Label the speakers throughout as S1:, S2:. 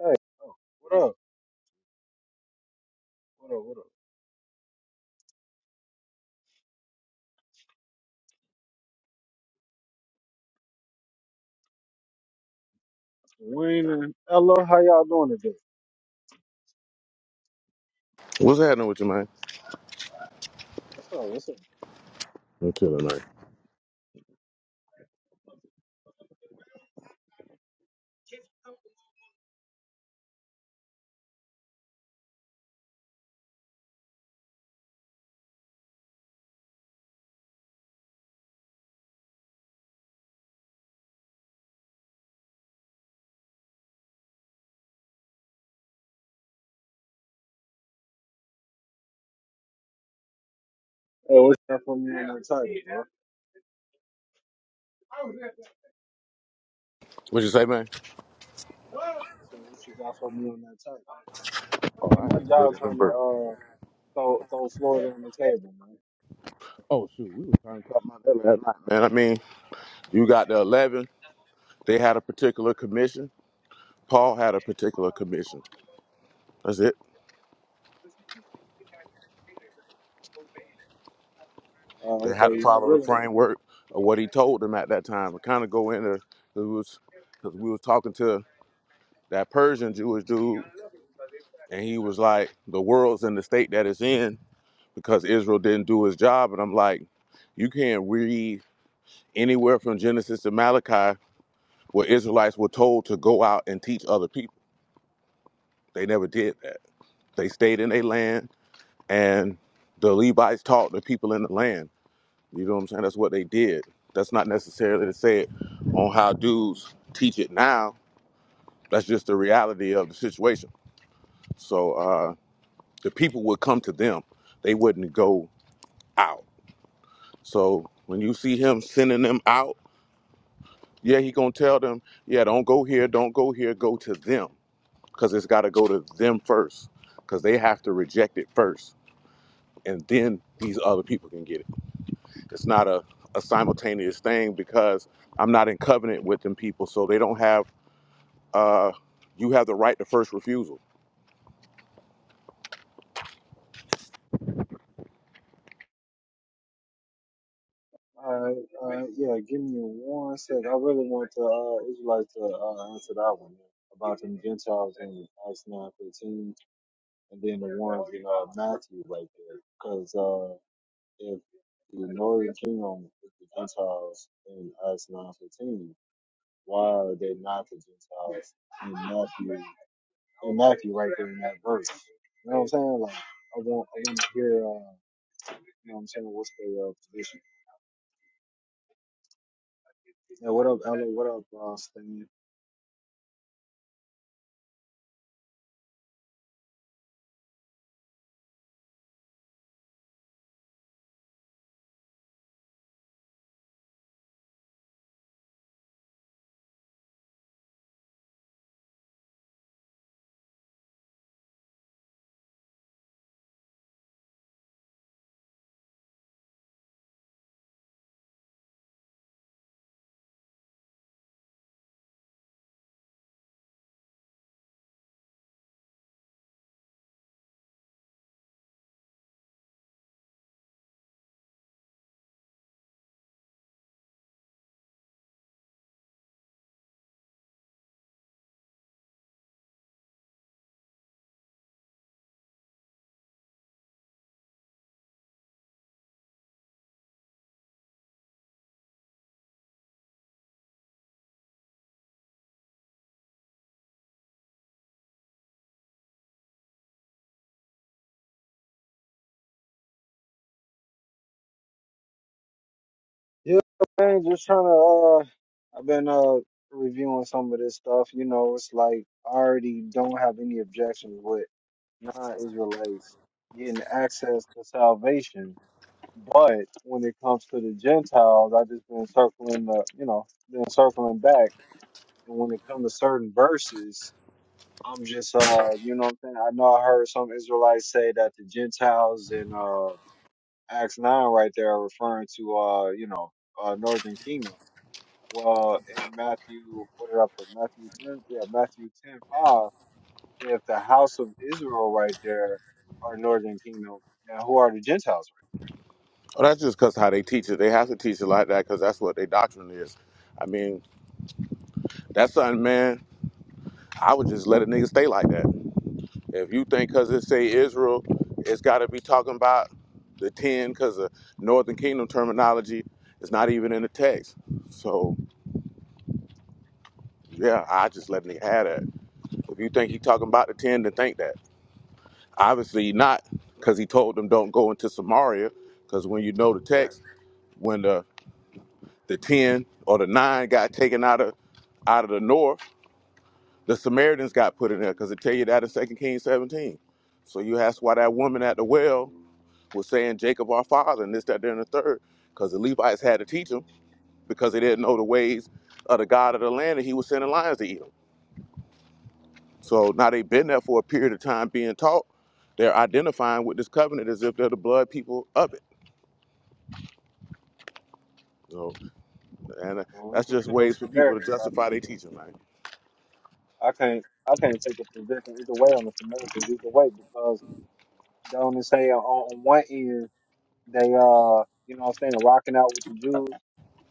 S1: Hey, what up? What up? What up? Wayne and Ella, how y'all doing today?
S2: What's happening with you, man?
S1: What's up? What's up?
S2: I'm chilling, man.
S1: Hey, what you got for me on that title, bro?
S2: What you say, man?
S1: So what you got for me on that title?
S2: Oh,
S1: Hey,
S2: I
S1: my
S2: had to go to
S1: job trying
S2: them
S1: to
S2: birds.
S1: uh throw throw Florida on the table, man.
S2: Oh shoot, we was trying to talk about that last night, man. I mean, you got the eleven. They had a particular commission. Paul had a particular commission. That's it.
S1: Uh,
S2: They had to
S1: okay, I
S2: follow the
S1: really,
S2: framework of what he told them at that time. And kind of go into it was because we was talking to that Persian Jewish dude, and he was like, "The world's in the state that it's in because Israel didn't do his job." And I'm like, "You can't read anywhere from Genesis to Malachi where Israelites were told to go out and teach other people. They never did that. They stayed in their land, and the Levites taught the people in the land. You know what I'm saying? That's what they did. That's not necessarily to say it on how dudes teach it now. That's just the reality of the situation. So uh, the people would come to them. They wouldn't go out. So when you see him sending them out, yeah, he gonna tell them, yeah, don't go here, don't go here, go to them because it's got to go to them first because they have to reject it first and then these other people can get it it's not a, a simultaneous thing because i'm not in covenant with them people so they don't have uh you have the right to first refusal
S1: uh, uh, yeah, give me one sec. I really want to uh, Israelites to uh, answer that one about them Gentiles in Acts nine fifteen, and then the ones in uh, Matthew right there, because If the northern kingdom is the Gentiles in Acts nine fifteen, why are they not the Gentiles in Matthew in Matthew right there in that verse? You know what I'm saying? Like I want I want to hear uh, you know what I'm saying, what's their uh, position. Yeah, what up, Ella? What up, uh, Stan? Yeah, man, just trying to. Uh, I've been uh reviewing some of this stuff. You know, it's like I already don't have any objections with non-Israelites getting access to salvation. But when it comes to the Gentiles, I just been circling the, you know, been circling back. And when it comes to certain verses, I'm just, uh, you know, what I'm saying. I know I heard some Israelites say that the Gentiles in uh, Acts nine right there are referring to, uh, you know, uh, Northern Kingdom. Well, in Matthew, what did I put? Matthew ten, yeah, Matthew ten five. If the house of Israel right there are Northern Kingdom, now who are the Gentiles?
S2: well, that's just because how they teach it they have to teach it like that because that's what their doctrine is i mean that's something man i would just let a nigga stay like that If you think because it say Israel, it's got to be talking about the ten because the Northern Kingdom terminology is not even in the text. So yeah, I just letting he have that. If you think he talking about the ten, then think that. Obviously not, because he told them don't go into Samaria. Because when you know the
S1: Right.
S2: text, when the the ten or the nine got taken out of out of the north, the Samaritans got put in there because it tell you that in Second Kings seventeen. So you ask why that woman at the well was saying Jacob our father and this, that, there, and the third, because the Levites had to teach them because they didn't know the ways of the God of the land and he was sending lions to eat them. So now they've been there for a period of time being taught. They're identifying with this covenant as if they're the blood people of it. So, and uh,
S1: Well, when it
S2: that's
S1: comes
S2: just
S1: to them
S2: ways for people to
S1: Samaritans,
S2: justify their teaching, man.
S1: I can't I can't take a position either way on the Samaritans either way because don't it say on, on one end they uh you know what I'm saying rocking out with the Jews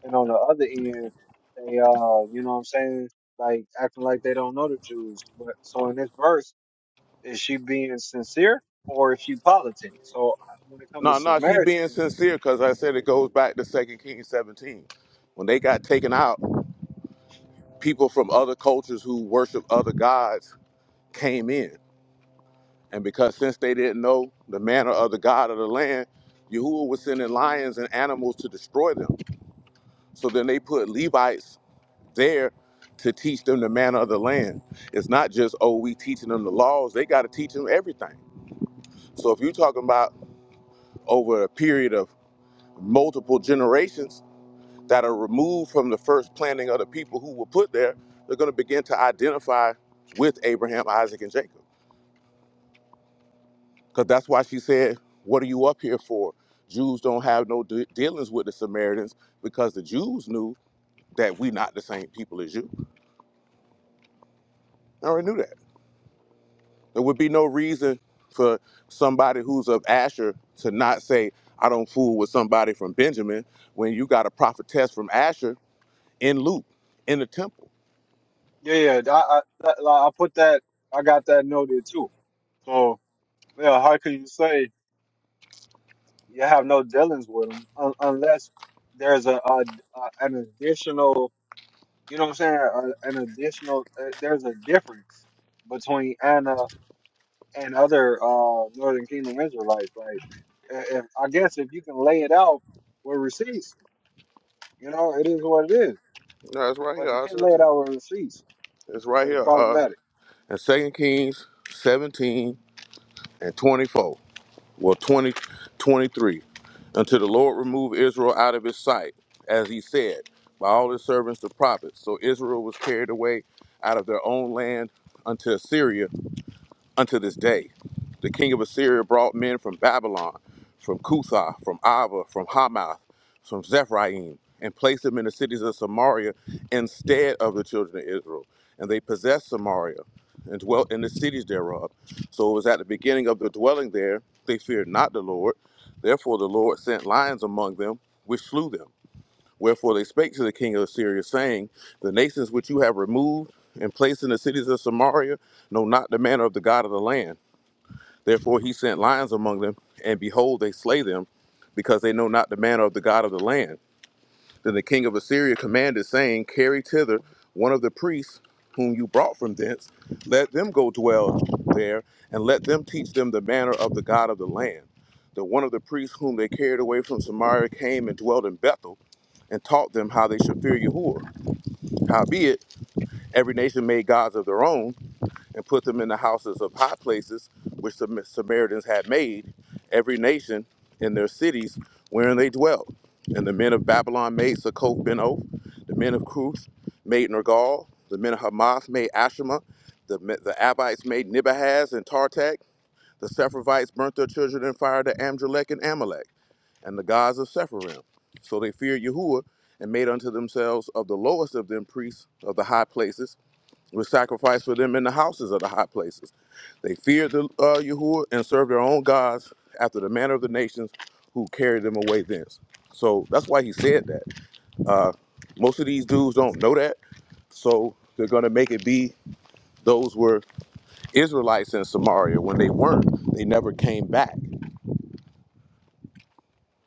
S1: and on the other end they uh you know what I'm saying like acting like they don't know the Jews but so in this verse is she being sincere or is she politic so I- when it comes to
S2: No, no, she being
S1: Samaritan,
S2: sincere because I said it goes back to Second Kings 17. When they got taken out, people from other cultures who worship other gods came in And because since they didn't know the manner of the God of the land, Yahuwah was sending lions and animals to destroy them. So then they put Levites there to teach them the manner of the land. It's not just, oh, we teaching them the laws, they got to teach them everything. So if you're talking about over a period of multiple generations that are removed from the first planting of the people who were put there, they're going to begin to identify with Abraham, Isaac, and Jacob. Because that's why she said, What are you up here for? Jews don't have no de- dealings with the Samaritans because the Jews knew that we not the same people as you. I already knew that. There would be no reason for somebody who's of Asher to not say, I don't fool with somebody from Benjamin when you got a prophetess from Asher in Luke, in the temple.
S1: yeah yeah I I, that- like, I put that I got that noted too so yeah how can you say you have no dealings with them un- unless there's a, a, a an additional you know what i'm saying a, an additional uh, there's a difference between anna and other uh northern kingdom israelites like i- if i guess if you can lay it out with receipts you know it is what it is
S2: No, it's right
S1: but
S2: here.
S1: if you
S2: I'll show
S1: can't
S2: it
S1: lay
S2: to
S1: it
S2: you.
S1: out with receipts
S2: It's right
S1: that's
S2: here. Uh,
S1: problematic
S2: in Second Kings 17 and 24. well 20, 23, until the lord remove israel out of his sight as he said by all his servants the prophets so israel was carried away out of their own land unto assyria unto this day. The king of Assyria brought men from Babylon, from Cuthah, from Ava, from Hamath, from Zephaim, and placed them in the cities of Samaria instead of the children of Israel. And they possessed Samaria and dwelt in the cities thereof. So it was at the beginning of their dwelling there, they feared not the Lord. Therefore the Lord sent lions among them, which slew them. Wherefore they spake to the king of Assyria, saying, The nations which you have removed and placed in the cities of Samaria know not the manner of the God of the land. Therefore he sent lions among them, and behold, they slay them, because they know not the manner of the God of the land. Then the king of Assyria commanded, saying, Carry thither one of the priests whom you brought from thence, let them go dwell there, and let them teach them the manner of the God of the land. The one of the priests whom they carried away from Samaria came and dwelt in Bethel and taught them how they should fear Yahuwah. Howbeit, every nation made gods of their own and put them in the houses of high places, which the Samaritans had made, every nation in their cities wherein they dwelt. And the men of Babylon made Succoth Benoth, the men of Cush made Nergal, the men of Hamath made Ashima, the, the Abites made Nibahaz and Tartak, the Sepharvites burnt their children in fire to Amdrilek and Amalek and the gods of Sepharim. So they feared Yahuwah and made unto themselves of the lowest of them priests of the high places, which sacrificed for them in the houses of the high places. They feared the uh, Yahuwah and served their own gods after the manner of the nations who carried them away thence. So that's why he said that. Uh, most of these dudes don't know that, so they're going to make it be those were Israelites in Samaria when they weren't. They never came back.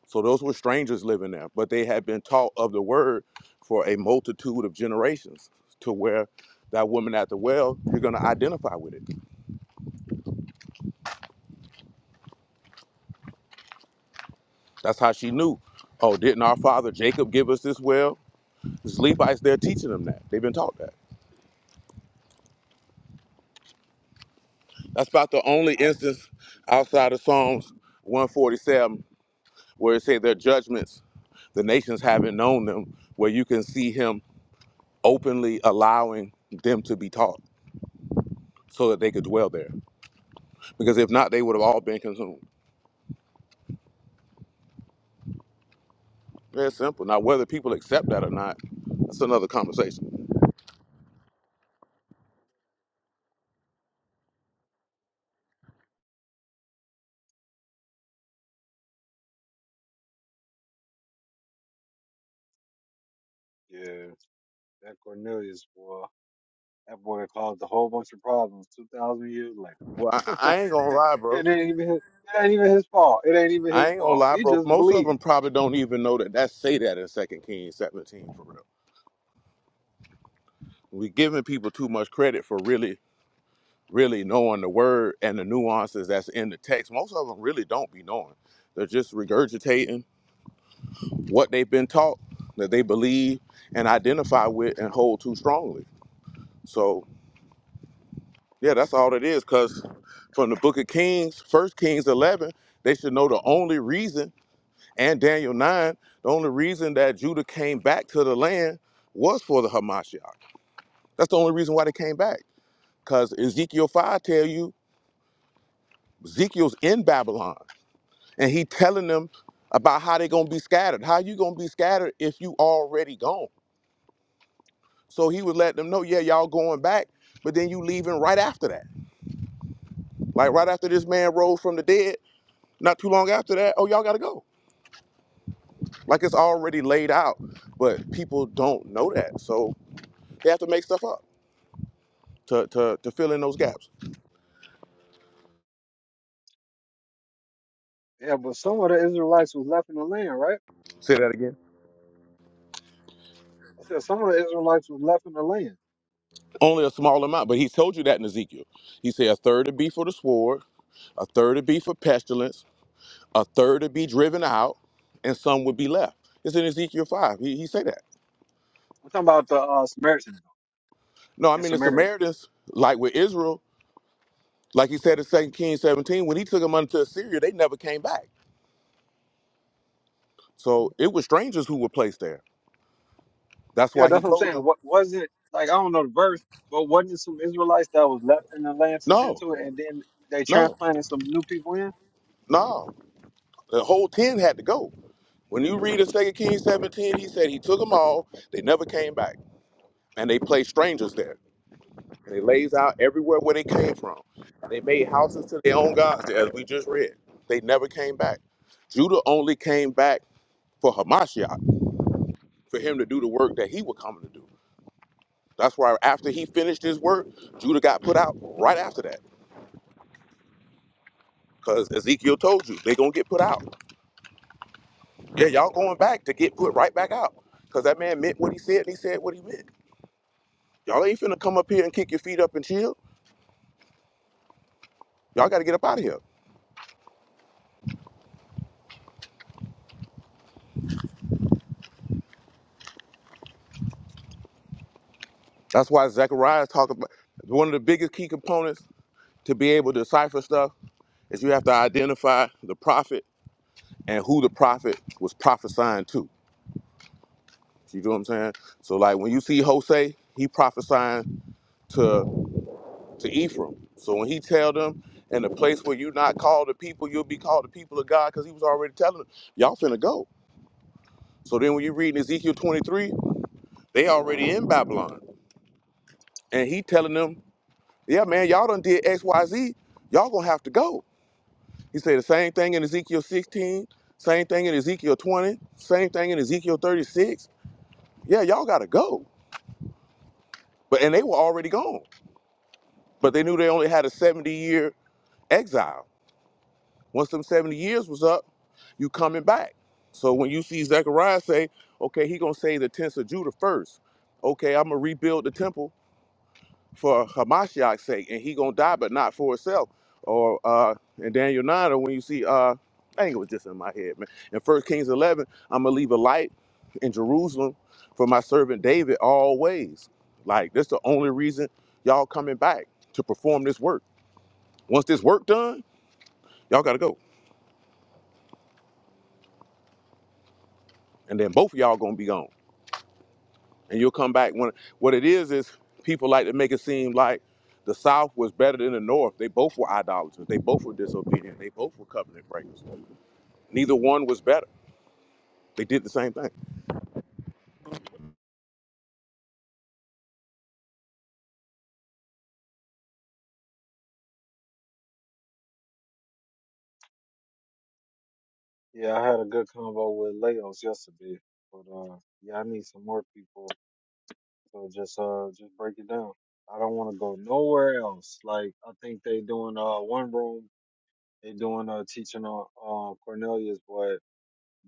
S2: So those were strangers living there, but they had been taught of the word for a multitude of generations to where that woman at the well, you're going to identify with it. That's how she knew. Oh, didn't our father Jacob give us this well? It's Levites, they're teaching them that. They've been taught that. That's about the
S1: yeah
S2: only
S1: I,
S2: instance outside of Psalms 147 where it said their judgments, the nations haven't known them, where you can see him openly allowing them to be taught so that they could dwell there. Because if not, they would have all been consumed. Very simple. Now, whether people accept that or not, that's another conversation.
S1: yeah that cornelius boy that boy caused a whole bunch of problems 2000 years later
S2: Well, I, I ain't gonna lie,
S1: It
S2: bro.
S1: ain't even his, it ain't even his fault. It ain't even
S2: I
S1: his
S2: ain't gonna
S1: fault.
S2: lie,
S1: He
S2: bro.
S1: just
S2: Most of them
S1: believed.
S2: probably don't even know that that say that in Second Kings 17 for real. We giving people too much credit for really, really knowing the word and the nuances that's in the text. Most of them really don't be knowing. They're just regurgitating what they've been taught that they believe and identify with and hold too strongly. So Yeah, that's all it is. Cause from the Book of Kings, First Kings eleven, they should know the only reason, and Daniel nine, the only reason that Judah came back to the land was for the Hamashiach. That's the only reason why they came back. Cause Ezekiel five tell you Ezekiel's in Babylon, and he telling them about how they gonna be scattered. How you gonna be scattered if you already gone? So he would let them know, yeah, y'all going back, but then you leaving right after that. Like right after this man rose from the dead. Not too long after that, oh, y'all got to go. Like it's already laid out, but people don't know that. So they have to make stuff up to, to, to fill in those gaps.
S1: Yeah, but some of the Israelites was left in the land, right?
S2: Say that again.
S1: I said some of the Israelites was left in the land.
S2: Only a small amount, but he told you that in Ezekiel. He said a third would be for the sword, a third would be for pestilence, a third would be driven out, and some would be left. It's in Ezekiel 5. He, he said that.
S1: I'm talking about the uh, Samaritans
S2: No, I
S1: in
S2: mean, the
S1: Samaria.
S2: Samaritans, like with Israel, like he said in Second Kings 17, when he took them unto Assyria, they never came back. So it was strangers who were placed there. That's
S1: Yeah,
S2: why he
S1: that's what I'm
S2: told
S1: saying.
S2: them
S1: What was it like? I don't know the verse, but wasn't it some Israelites that was left in the land to tend
S2: No,
S1: to it, and then they
S2: no,
S1: transplanted some new people in?
S2: no. The whole 10 had to go. When you read in Second Kings 17, he said he took them all. They never came back. And they placed strangers there. And he lays out everywhere where they came from. They made houses to their own gods, as we just read. They never came back. Judah only came back for Hamashiach, for him to do the work that he was coming to do. That's why after he finished his work, Judah got put out right after that. Because Ezekiel told you, they're going to get put out. Yeah, y'all going back to get put right back out. Because that man meant what he said and he said what he meant. Y'all ain't finna come up here and kick your feet up and chill. Y'all got to get up out of here. That's why Zechariah talking about one of the biggest key components to be able to decipher stuff is you have to identify the prophet and who the prophet was prophesying to. You know what I'm saying? So like when you see Jose, he prophesying to to Ephraim. So when he tell them in the place where you not called the people, you'll be called the people of God because he was already telling them, y'all finna go. So then when you read in Ezekiel 23, they already in Babylon. And he telling them, yeah, man, y'all done did X, Y, Z. Y'all gonna have to go. He said the same thing in Ezekiel 16, same thing in Ezekiel 20, same thing in Ezekiel 36. Yeah, y'all gotta go. But and they were already gone. But they knew they only had a 70 year exile. Once them 70 years was up, you coming back. So when you see Zechariah say, okay, he gonna say the tents of Judah first. Okay, I'm gonna rebuild the temple for Hamashiach's sake, and he gonna die, but not for himself. Or uh, in Daniel nine, or when you see, uh, I think it was just in my head, man. In First Kings eleven, I'm gonna leave a light in Jerusalem for my servant David always. Like that's the only reason y'all coming back to perform this work. Once this work done, y'all gotta go, and then both of y'all gonna be gone. and you'll come back when what it is is people like to make it seem like the south was better than the north they both were idolaters they both were disobedient they both were covenant breakers neither one was better they did the same thing
S1: Yeah, I had a good convo with Leos yesterday, but uh, yeah, I need some more people. So just uh just break it down. I don't want to go nowhere else. Like I think they doing uh one room, they doing uh teaching on uh, Cornelius, but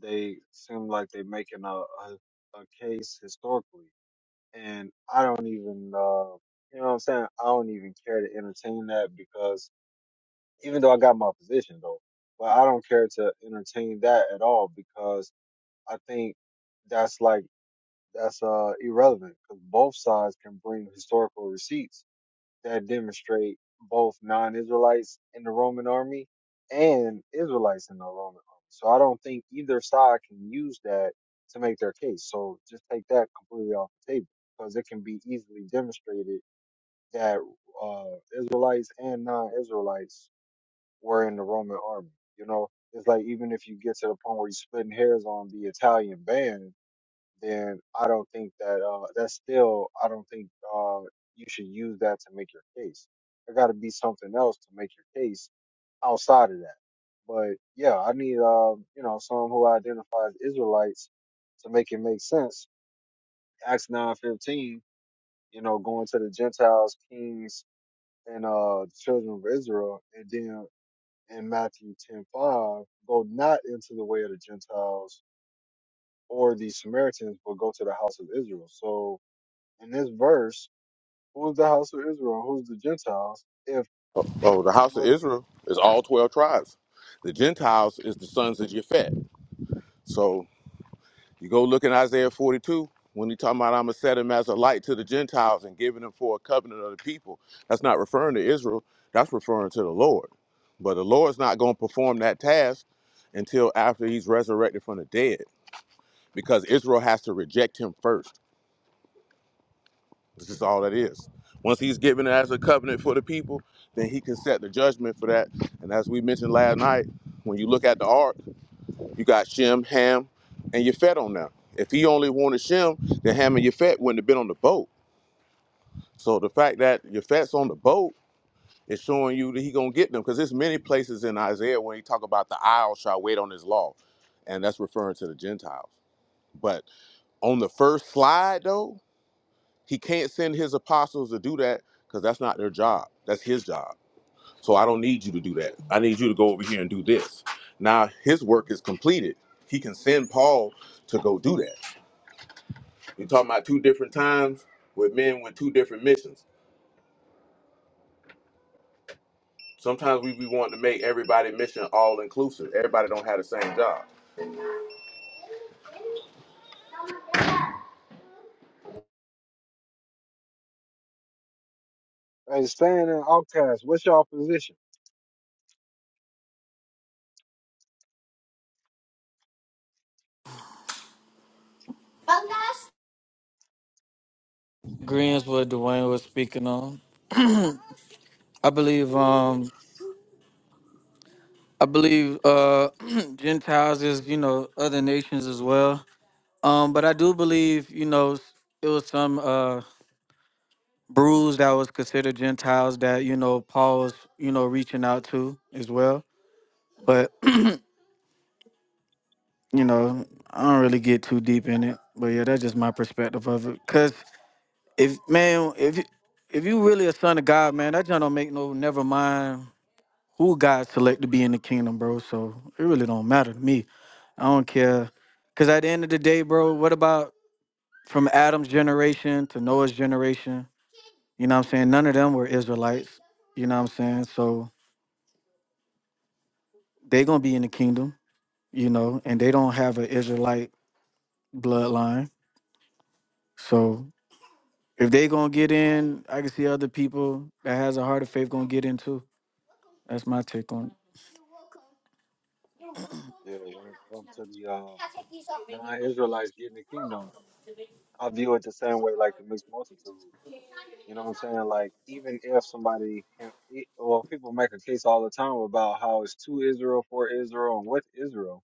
S1: they seem like they making a, a a case historically, and I don't even uh you know what I'm saying. I don't even care to entertain that because even though I got my position though, but I don't care to entertain that at all because I think that's like that's uh irrelevant because both sides can bring historical receipts that demonstrate both non-Israelites in the Roman army and Israelites in the Roman army. So I don't think either side can use that to make their case. So just take that completely off the table because it can be easily demonstrated that uh, Israelites and non-Israelites were in the Roman army. You know, it's like even if you get to the point where you're splitting hairs on the Italian band, then I don't think that uh that's still I don't think uh you should use that to make your case. There got to be something else to make your case outside of that. But yeah, I need um you know someone who identifies Israelites to make it make sense. Acts nine fifteen, you know, going to the Gentiles, kings, and uh the children of Israel, and then in Matthew ten five, go not into the way of the Gentiles or the Samaritans, but go to the house of Israel. So in this verse, who's the house of Israel? Who's the Gentiles? If
S2: oh, oh, the house of
S1: north-
S2: israel is all 12 tribes the gentiles is the sons of Japhet. So. You go look in Isaiah 42 when he talking about I'm gonna set him as a light to the Gentiles and giving him for a covenant of the people. That's not referring to Israel. That's referring to the Lord. But the Lord's not gonna perform that task until after he's resurrected from the dead, because Israel has to reject him first. This is all that is. Once he's given it as a covenant for the people, then he can set the judgment for that. And as we mentioned last night, when you look at the ark. You got Shem, Ham, and Yafet on there. If he only wanted Shem, then Ham and Yafet wouldn't have been on the boat. So the fact that Yafet's on the boat is showing you that he gonna get them. Because there's many places in Isaiah when he talk about the isle shall wait on his law. And that's referring to the Gentiles. But on the first slide though, he can't send his apostles to do that because that's not their job. That's his job. So I don't need you to do that. I need you to go over here and do this. Now his work is completed. He can send Paul to go do that. You're talking about two different times with men with two different missions. Sometimes we, we want to make everybody mission all inclusive. Everybody don't have the same job.
S1: hey, staying in outcast, what's y'all position?
S3: agreeing what Dwayne was speaking on. I believe um I believe uh Gentiles is, you know, other nations as well. Um, but I do believe, you know, it was some uh brews that was considered Gentiles that, you know, Paul was, you know, reaching out to as well. But, you know, I don't really get too deep in it. But yeah, that's just my perspective of it. Cause if man, if you- if you really a son of God, man, that just don't make no never mind who God select to be in the kingdom, bro. So it really don't matter to me. I don't care. Cause at the end of the day, bro, what about from Adam's generation to Noah's generation? You know what I'm saying? None of them were Israelites. You know what I'm saying? So they gonna be in the kingdom, you know, and they don't have an Israelite bloodline. So if they gonna get in, I can see other people that has a heart of faith gonna get in too. That's my take on
S1: Yeah, when it comes to the uh, non-Israelites getting the kingdom, I view it the same way like the mixed multitude. You know what I'm saying? Like even if somebody, can- it- well, people make a case all the time about how it's to Israel, for Israel, and with Israel.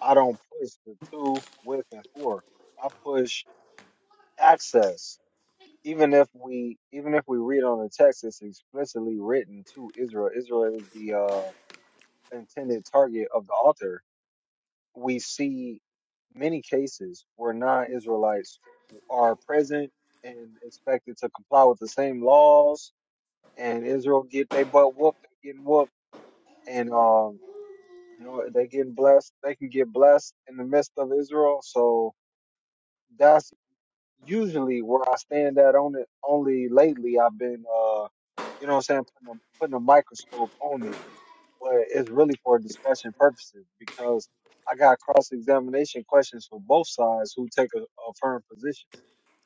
S1: I don't push the two, with, and for. I push access. even if we even if we read on the text, it's explicitly written to Israel. Israel is the uh, intended target of the author. We see many cases where non-Israelites are present and expected to comply with the same laws, and Israel get they butt whooped, they getting whooped, and um, you know they getting blessed. They can get blessed in the midst of Israel. So that's. usually where I stand at on it. Only lately I've been, uh, you know what I'm saying, putting a, putting a microscope on it, but it's really for discussion purposes because I got cross examination questions for both sides who take a, a firm position.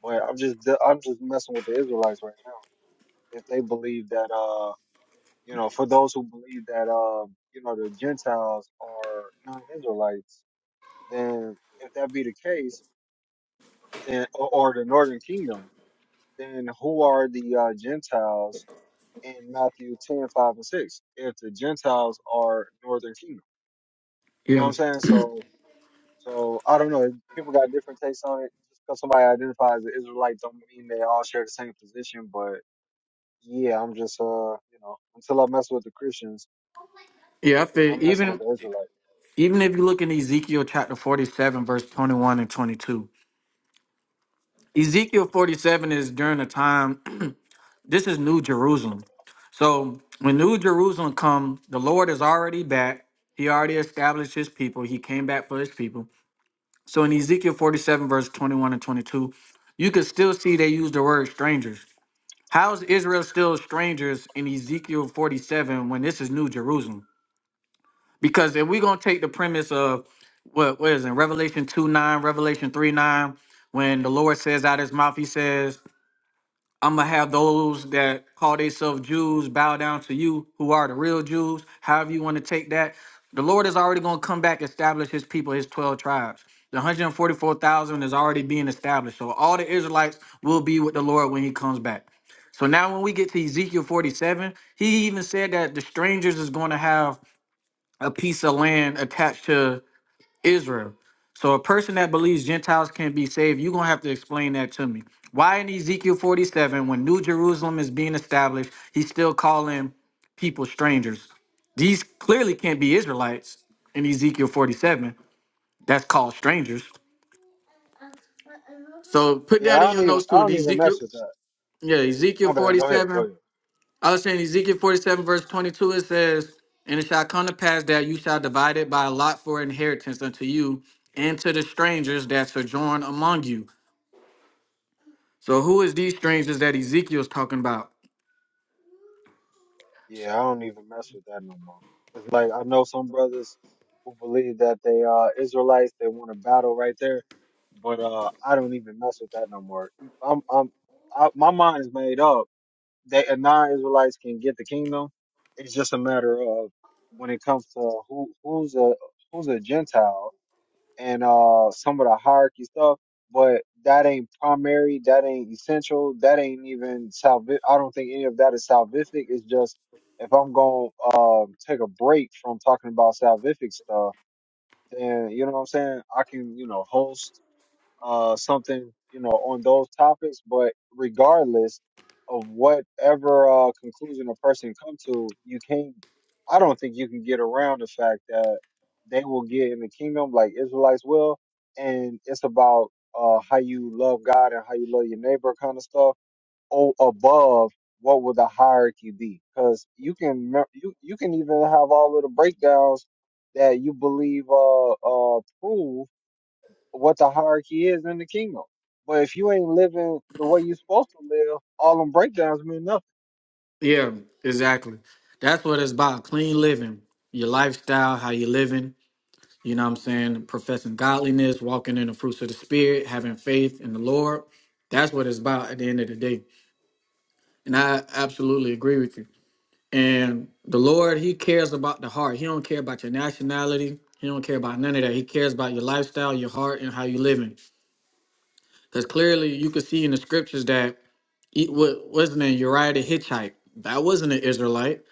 S1: But I'm just I'm just messing with the Israelites right now. If they believe that, uh, you know, for those who believe that, um, you know, the Gentiles are non-Israelites, then if that be the case, then or, or the Northern Kingdom. then who are the uh, Gentiles in Matthew 10 5 and 6 if the Gentiles are northern kingdom?
S3: it.
S1: You know what
S3: Yeah.
S1: I'm saying? So, so I don't know. People got different takes on it. Just because somebody identifies as Israelite don't mean they all share the same position. But yeah, I'm just, uh, you know, until I mess with the Christians,
S3: Yeah, I
S1: then
S3: feel
S1: I'm messing
S3: even
S1: with the Israelite.
S3: Even if you look in Ezekiel chapter 47, verse 21 and 22, Ezekiel 47 is during the time, this is New Jerusalem. So when New Jerusalem come, the Lord is already back. He already established his people. He came back for his people. So in Ezekiel 47, verse 21 and 22, you can still see they use the word strangers. How is Israel still strangers in Ezekiel 47 when this is New Jerusalem? Because if we're gonna take the premise of what what is it, Revelation 2 9, Revelation 3 9, when the Lord says out his mouth, he says, I'm gonna have those that call themselves Jews bow down to you who are the real Jews, however you want to take that. The Lord is already gonna come back, establish his people, his 12 tribes. The 144,000 is already being established. So all the Israelites will be with the Lord when he comes back. So now when we get to Ezekiel 47, he even said that the strangers is going to have a piece of land attached to Israel. So a person that believes Gentiles can be saved, you're gonna have to explain that to me. Why in Ezekiel 47, when New Jerusalem is being established, he's still calling people strangers? These clearly can't be Israelites in Ezekiel 47. That's called strangers. So put
S1: Yeah, I
S3: that in
S1: don't
S3: your
S1: even,
S3: notes
S1: I
S3: too.
S1: don't even
S3: Ezekiel,
S1: mess with that.
S3: yeah,
S1: My
S3: Ezekiel
S1: bad. Go ahead. Go
S3: 47.
S1: ahead.
S3: I was saying Ezekiel 47, verse 22, it says, And it shall come to pass that you shall divide it by a lot for inheritance unto you and to the strangers that sojourn among you. So, who is these strangers that Ezekiel's talking about?
S1: Yeah, I don't even mess with that no more. It's like I know some brothers who believe that they are Israelites. They want to battle right there, but uh, I don't even mess with that no more. I'm, I'm, I, my mind is made up that non-Israelites can get the kingdom. It's just a matter of when it comes to who, who's a who's a Gentile and uh some of the hierarchy stuff, but that ain't primary, that ain't essential, that ain't even salvific. I don't think any of that is salvific. It's just if I'm going to um take a break from talking about salvific stuff, then you know what I'm saying? I can, you know, host uh, something, you know, on those topics. But regardless of whatever uh, conclusion a person come to, you can't. I don't think you can get around the fact that they will get in the kingdom like Israelites will, and it's about uh, how you love God and how you love your neighbor, kind of stuff. Oh, above what would the hierarchy be? Because you can me- you you can even have all of the breakdowns that you believe uh uh prove what the hierarchy is in the kingdom. But if you ain't living the way you're supposed to live, all them breakdowns mean nothing.
S3: Yeah, exactly. That's what it's about clean living, your lifestyle, how you living, you know what I'm saying? Professing godliness, walking in the fruits of the Spirit, having faith in the Lord. That's what it's about at the end of the day. And I absolutely agree with you. And the Lord, He cares about the heart. He don't care about your nationality. He don't care about none of that. He cares about your lifestyle, your heart, and how you living. Because clearly, you can see in the scriptures that he- what what's his name Uriah the Hittite. That wasn't an Israelite,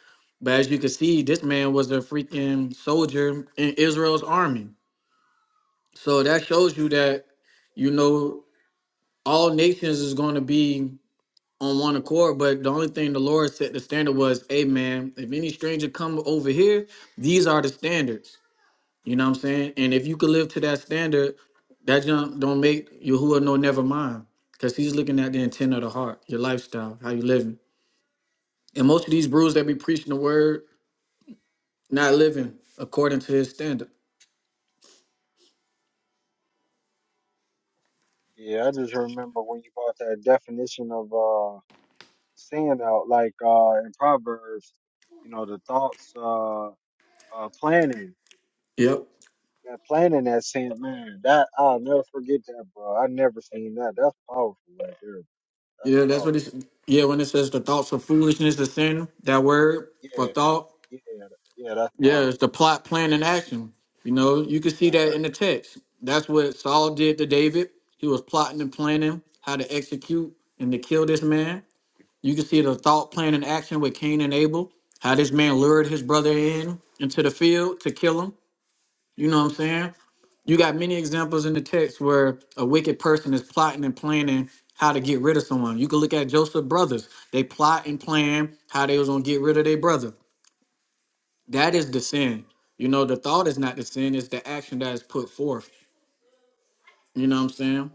S3: but as you can see, this man was a freaking soldier in Israel's army. So that shows you that you know all nations is going to be on one accord. But the only thing the Lord set the standard was, hey man, if any stranger come over here, these are the standards. You know what I'm saying? And if you could live to that standard, that junk don't make Yahuwah no never mind. Cause he's looking at the intent of the heart, your lifestyle, how you living. And most of these brews that be preaching the word, not living according to his standard.
S1: Yeah, I just remember when you brought that definition of uh sin out, like uh in Proverbs, you know, the thoughts uh uh planning.
S3: Yep.
S1: That planning that sin, man, that I'll never forget that, bro. I never seen that. That's powerful right there. That's
S3: Yeah, that's
S1: powerful.
S3: what it's yeah, when it says the thoughts of foolishness is sin, that word for
S1: Yeah,
S3: thought
S1: yeah, yeah, that's
S3: Yeah,
S1: powerful.
S3: it's the plot, plan, and action. You know, you can see
S1: Right,
S3: that
S1: right.
S3: in the text. That's what Saul did to David. He was plotting and planning how to execute and to kill this man. You can see the thought, plan, and action with Cain and Abel, how this man lured his brother in into the field to kill him. You know what I'm saying? You got many examples in the text where a wicked person is plotting and planning how to get rid of someone. You can look at Joseph's brothers. They plot and plan how they was gonna get rid of their brother. That is the sin. You know, the thought is not the sin, it's the action that is put forth. You know what I'm saying?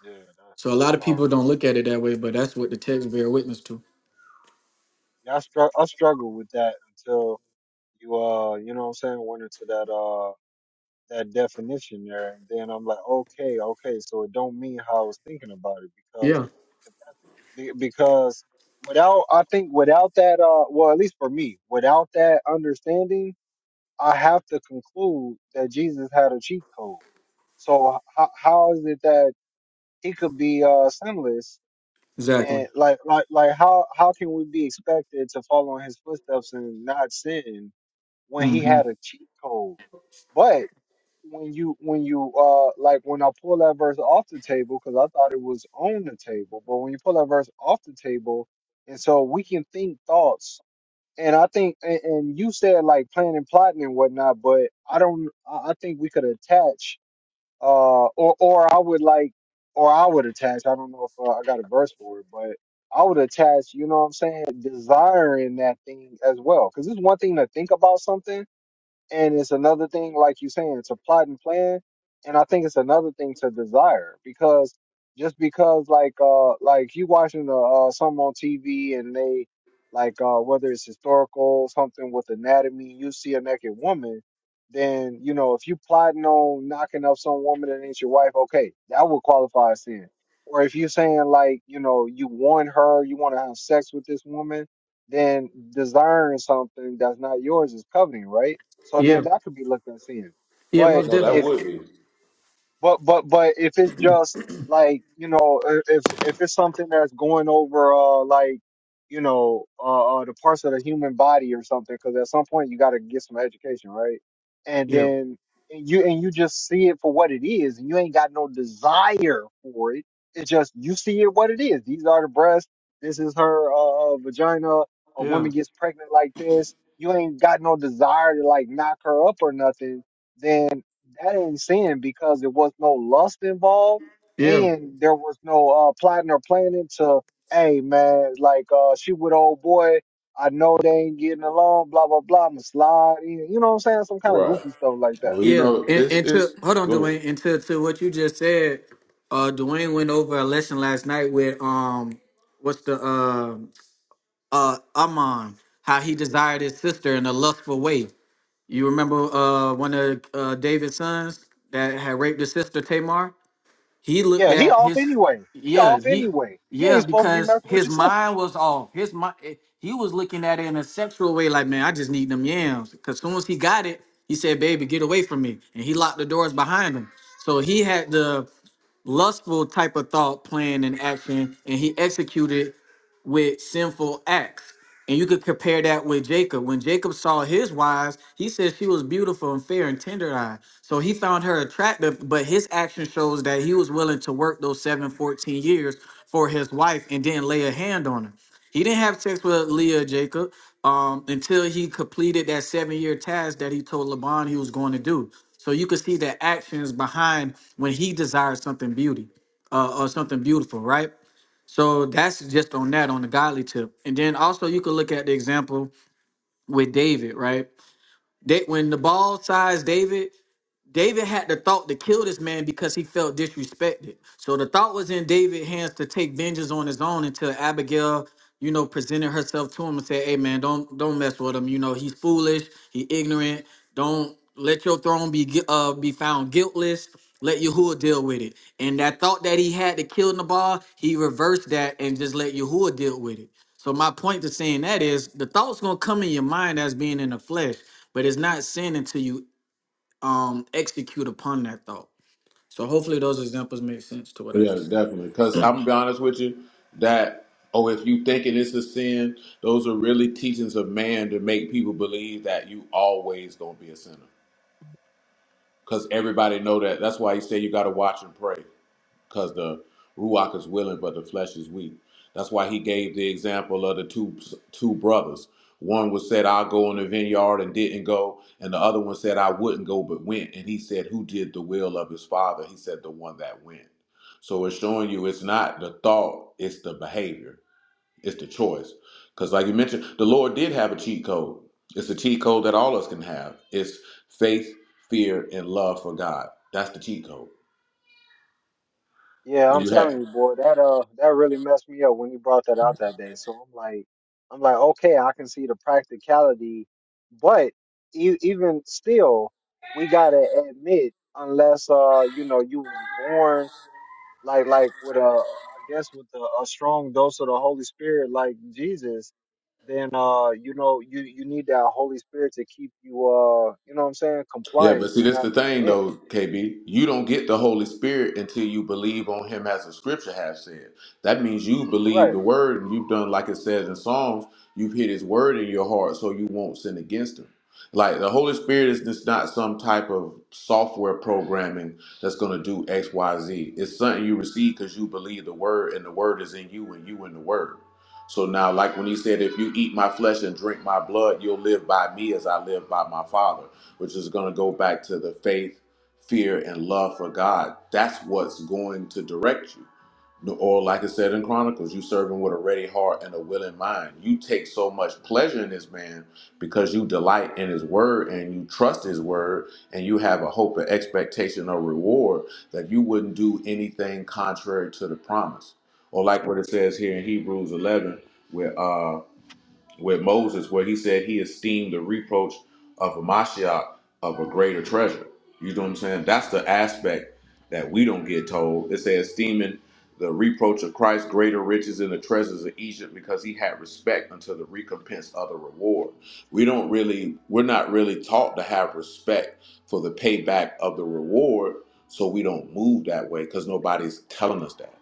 S1: Yeah, that,
S3: So a
S1: that's
S3: lot of
S1: powerful.
S3: people don't look at it that way, but that's what the text bear witness to.
S1: Yeah, I, str- I struggled with that until you uh you know what I'm saying went into that uh that definition there and then I'm like okay okay so it don't mean how I was thinking about it because
S3: Yeah,
S1: if that's- be- because without I think without that uh well at least for me without that understanding I have to conclude that Jesus had a cheat code so how, how is it that he could be uh sinless
S3: exactly.
S1: and like like like how how can we be expected to follow in his footsteps and not sin when he
S3: hmm
S1: had a cheat code but when you when you uh like when I pull that verse off the table, because I thought it was on the table, but when you pull that verse off the table, and so we can think thoughts. And I think, and, and you said like planning, plotting, and whatnot, but I don't. I I think we could attach, uh, or or I would like, or I would attach. I don't know if uh, I got a verse for it, but I would attach. You know what I'm saying? Desiring that thing as well, because it's one thing to think about something, and it's another thing, like you're saying, to plot and plan. And I think it's another thing to desire because just because like uh like you watching the uh some on TV and they like uh whether it's historical something with anatomy, you see a naked woman, then you know if you plotting on knocking up some woman that ain't your wife, okay, that would qualify as sin. Or if you're saying like you know you want her, you want to have sex with this woman, then desiring something that's not yours is coveting, right? So then
S3: Yeah.
S1: that could be looked at sin.
S3: Yeah,
S1: But
S3: most
S2: No, that
S3: definitely.
S1: if
S2: would be
S1: but but but if it's just like you know, i- if if it's something that's going over uh like you know uh, uh the parts of the human body or something, because at some point you got to get some education, right? And
S3: Yeah.
S1: then and you and you just see it for what it is, and you ain't got no desire for it. It's just you see it what it is. These are the breasts. This is her uh, uh, vagina. A
S3: Yeah.
S1: woman gets pregnant like this. You ain't got no desire to like knock her up or nothing then. That ain't sin because there was no lust involved
S3: Yeah.
S1: and there was no uh, plotting or planning to, hey, man, like uh, she with old boy. I know they ain't getting along, blah, blah, blah. I'm going to slide in. You know what I'm saying? Some kind of
S2: right.
S1: goofy stuff like that.
S2: Well, you
S3: Yeah.
S2: know,
S3: And,
S2: it's
S3: and to
S2: it's
S3: hold on,
S2: go ahead.
S3: Dwayne, and to, to what you just said, uh Dwayne went over a lesson last night with um what's the uh uh Amon, how he desired his sister in a lustful way. You remember uh, one of uh, David's sons that had raped his sister Tamar? He looked
S1: Yeah, he
S3: at
S1: off
S3: his,
S1: anyway. He
S3: yeah,
S1: off
S3: he,
S1: anyway. You ain't
S3: yeah,
S1: supposed to be
S3: because
S1: messing with your
S3: his
S1: sister.
S3: mind was off. His mind, he was looking at it in a sexual way, like, man, I just need them yams. Because soon as he got it, he said, "Baby, get away from me," and he locked the doors behind him. So he had the lustful type of thought, plan, and action, and he executed with sinful acts. And you could compare that with Jacob. When Jacob saw his wives, he said she was beautiful and fair and tender eyed. So he found her attractive, but his action shows that he was willing to work those seven fourteen years for his wife and didn't lay a hand on her. He didn't have sex with Leah or Jacob um, until he completed that seven year task that he told Laban he was going to do. So you could see the actions behind when he desires something beauty uh, or something beautiful, right? So that's just on that on the godly tip. And then also you could look at the example with David, right? Da- when the ball size David, David had the thought to kill this man because he felt disrespected. So the thought was in David's hands to take vengeance on his own until Abigail, you know, presented herself to him and said, "Hey, man, don't don't mess with him. You know, he's foolish. He ignorant. Don't let your throne be gui- uh be found guiltless. Let
S1: I messed
S3: Yahuwah
S1: up.
S3: deal with it." And that thought that he had to kill Nabal, he reversed that and just let Yahuwah deal with it. So my point to saying that is the thoughts gonna come in your mind as being in the flesh, but it's not sin until you um execute upon that thought. So hopefully those examples make sense to what I
S2: Yeah,
S3: just said.
S2: definitely. Because I'm gonna be honest with you, that oh, if you thinking it's a sin, those are really teachings of man to make people believe that you always gonna be a sinner. Because everybody know that. That's why he said you gotta watch and pray. because the ruach is willing, but the flesh is weak. That's why he gave the example of the two two brothers. One was said, "I'll go in the vineyard," and didn't go, and the other one said, "I wouldn't go, but went." And he said, "Who did the will of his father?" He said, "The one that went." So it's showing you it's not the thought, it's the behavior, it's the choice. Because, like you mentioned, the Lord did have a cheat code. It's a cheat code that all of us can have. It's faith, fear, and love for God. That's the cheat code.
S1: Yeah,
S2: When
S1: I'm
S2: you have
S1: telling you, boy, that uh that really messed me up when he brought that out that day. So I'm like I'm like, okay, I can see the practicality, but e- even still, we gotta admit, unless uh, you know, you was born like like with a I guess with a, a strong dose of the Holy Spirit like Jesus, then uh, you know, you you need that Holy Spirit to keep you uh, you know what I'm saying,
S2: Yeah,
S1: compliant
S2: but see,
S1: and
S2: that's
S1: not
S2: the thing,
S1: giving in.
S2: though, KB. You don't get the Holy Spirit until you believe on Him, as the Scripture has said. That means you believe
S1: Right.
S2: the Word, and you've done like it says in Psalms. You've hid His Word in your heart, so you won't sin against Him. Like the Holy Spirit is just not some type of software programming that's going to do X, Y, Z. It's something you receive because you believe the Word, and the Word is in you, and you in the Word. So now, like when He said, "If you eat my flesh and drink my blood, you'll live by me as I live by my Father." which is going to go back to the faith, fear, and love for God. That's what's going to direct you. No, Or, like it said in Chronicles, you serve Him with a ready heart and a willing mind. You take so much pleasure in this man because you delight in his word and you trust his word and you have a hope and expectation of reward that you wouldn't do anything contrary to the promise. Or, like what it says here in Hebrews 11, where. uh, with Moses, where he said he esteemed the reproach of a Mashiach of a greater treasure. You know what I'm saying? That's the aspect that we don't get told. It says esteeming the reproach of Christ greater riches than the treasures of Egypt because he had respect unto the recompense of the reward. We don't really, we're not really taught to have respect for the payback of the reward, so we don't move that way because nobody's telling us that.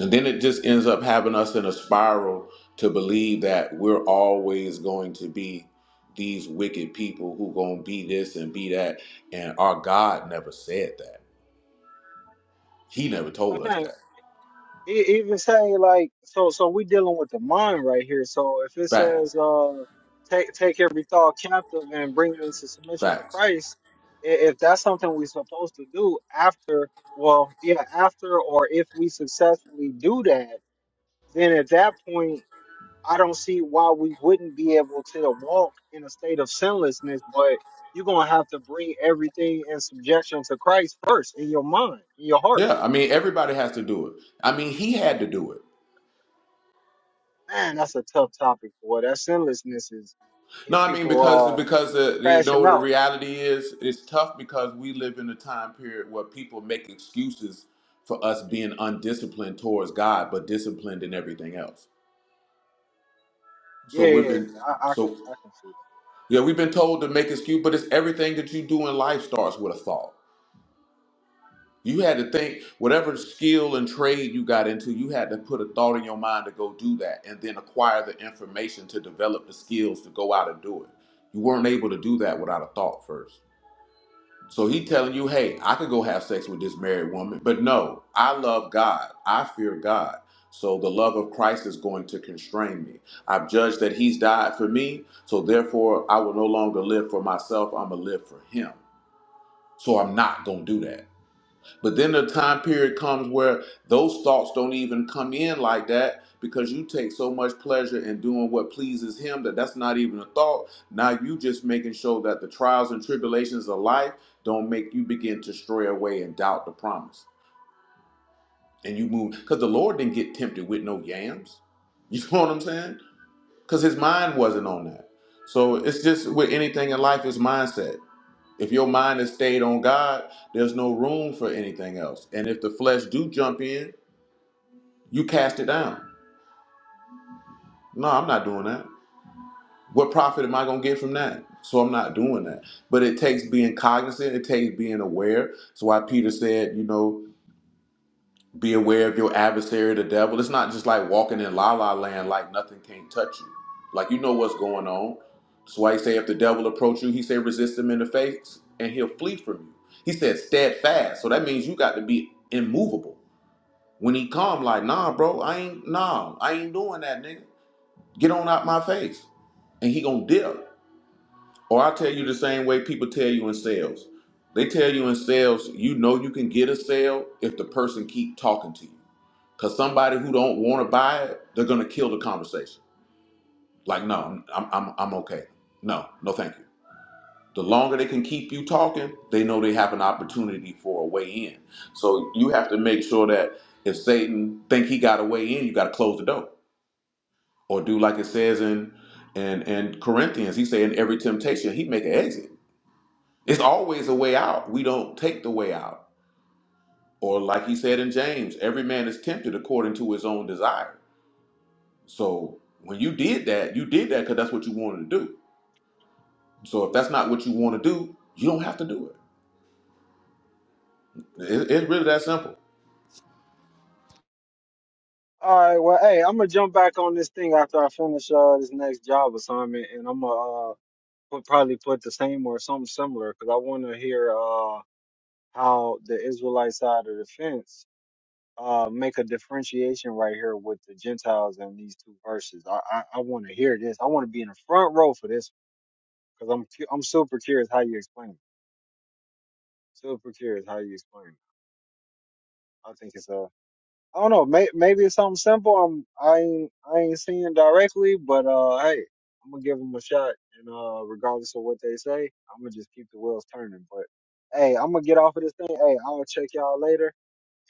S2: And then it just ends up having us in a spiral to believe that we're always going to be these wicked people who going to be this and be that. And our God never said that. He never told us that.
S1: E- even saying like so so we dealing with the mind right here so if it says
S2: Fact,
S1: uh take take every thought captive and bring it into submission to
S2: facts.
S1: christ i- if that's something we're supposed to do after well yeah after or if we successfully do that then at that point i don't see why we wouldn't be able to walk in a state of sinlessness but you're gonna have to bring everything in subjection to christ first in your mind in your heart
S2: Yeah, I mean, everybody has to do it. I mean, he had to do it.
S1: man, that's a tough topic. Boy, that sinlessness is
S2: No,
S1: get
S2: I mean
S1: people
S2: because
S1: all
S2: because uh, you
S1: crashing
S2: know the
S1: out.
S2: reality is it's tough because we live in a time period where people make excuses for us being undisciplined towards God, but disciplined in everything else.
S1: Yeah,
S2: So
S1: yeah,
S2: we've
S1: yeah. yeah.
S2: been
S1: I, I can,
S2: so
S1: I can see
S2: yeah, we've been told to make excuse, but it's everything that you do in life starts with a thought. You had to think whatever skill and trade you got into, you had to put a thought in your mind to go do that and then acquire the information to develop the skills to go out and do it. You weren't able to do that without a thought first. So he telling you, hey, I could go have sex with this married woman, but no, I love God. I fear God. So the love of Christ is going to constrain me. I've judged that he's died for me, so therefore I will no longer live for myself. I'm going to live for him. So I'm not going to do that. But then the time period comes where those thoughts don't even come in like that because you take so much pleasure in doing what pleases him that that's not even a thought. Now you just making sure that the trials and tribulations of life don't make you begin to stray away and doubt the promise. And you move because the Lord didn't get tempted with no yams. You know what I'm saying? Because his mind wasn't on that. So it's just with anything in life, it's mindset. If your mind is stayed on God, there's no room for anything else. And if the flesh do jump in, you cast it down. No, I'm not doing that. What profit am I going to get from that? So I'm not doing that. But it takes being cognizant, it takes being aware. That's why Peter said, you know. Be aware of your adversary, the devil. It's not just like walking in la la land, like nothing can't touch you. Like you know what's going on. That's why he say if the devil approach you, he say resist him in the face, and he'll flee from you. He said steadfast. So that means you got to be immovable. When he come, like nah, bro, I ain't nah, I ain't doing that, nigga. Get on out my face, and he gonna dip. Or i tell you the same way people tell you in sales. They tell you in sales, you know you can get a sale if the person keep talking to you. Cause somebody who don't want to buy it, they're gonna kill the conversation. Like, no, I'm, I'm, I'm okay. No, no, thank you. The longer they can keep you talking, they know they have an opportunity for a way in. So you have to make sure that if Satan think he got a way in, you got to close the door or do like it says in in in Corinthians. He say in every temptation he make an exit. It's always a way out. We don't take the way out. Or, like he said in James, every man is tempted according to his own desire. So, when you did that, you did that because that's what you wanted to do. So, if that's not what you want to do, you don't have to do it. It- It's really that simple.
S1: that. All right, well, hey, I'm gonna jump back on this thing after I finish uh this next job assignment, and I'm gonna uh put, probably put the same or something similar because I want to hear uh how the Israelite side of the fence uh make a differentiation right here with the Gentiles in these two verses. I I, I want to hear this. I want to be in the front row for this because I'm cu- I'm super curious how you explain it. Super curious how you explain it. I think it's uh, I don't know, may, maybe it's something simple. I'm I ain't I ain't seeing directly, but uh, hey, I'm gonna give them a shot, and uh, regardless of what they say, I'm gonna just keep the wheels turning. But hey, I'm gonna get off of this thing. Hey, I'll check y'all later,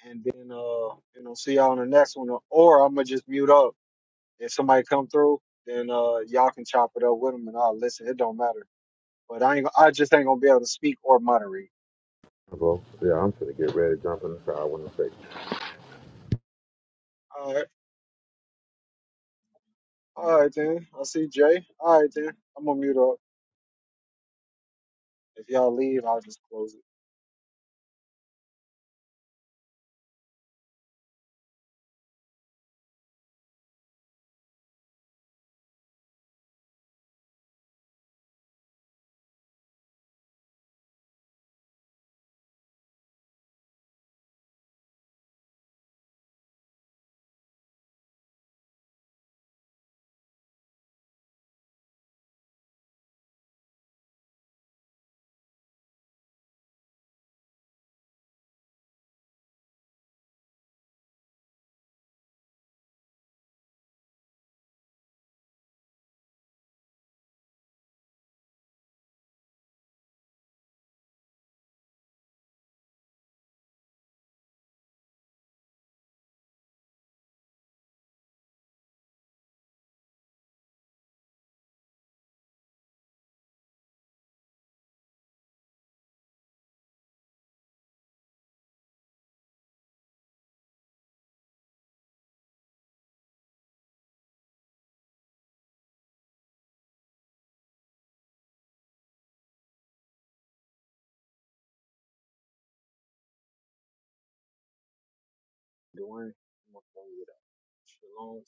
S1: and then uh, you know, see y'all on the next one, or I'm gonna just mute up. If somebody come through, then uh, y'all can chop it up with them, and I'll listen. It don't matter. But I ain't, I just ain't gonna be able to speak or moderate.
S2: Well, yeah, I'm gonna get ready to jump in the shower. I want to
S1: All right. All right then. I see Jay. All right then. I'm gonna mute up. If y'all leave, I'll just close it. Dwayne, I'm gonna close it up. Shalom,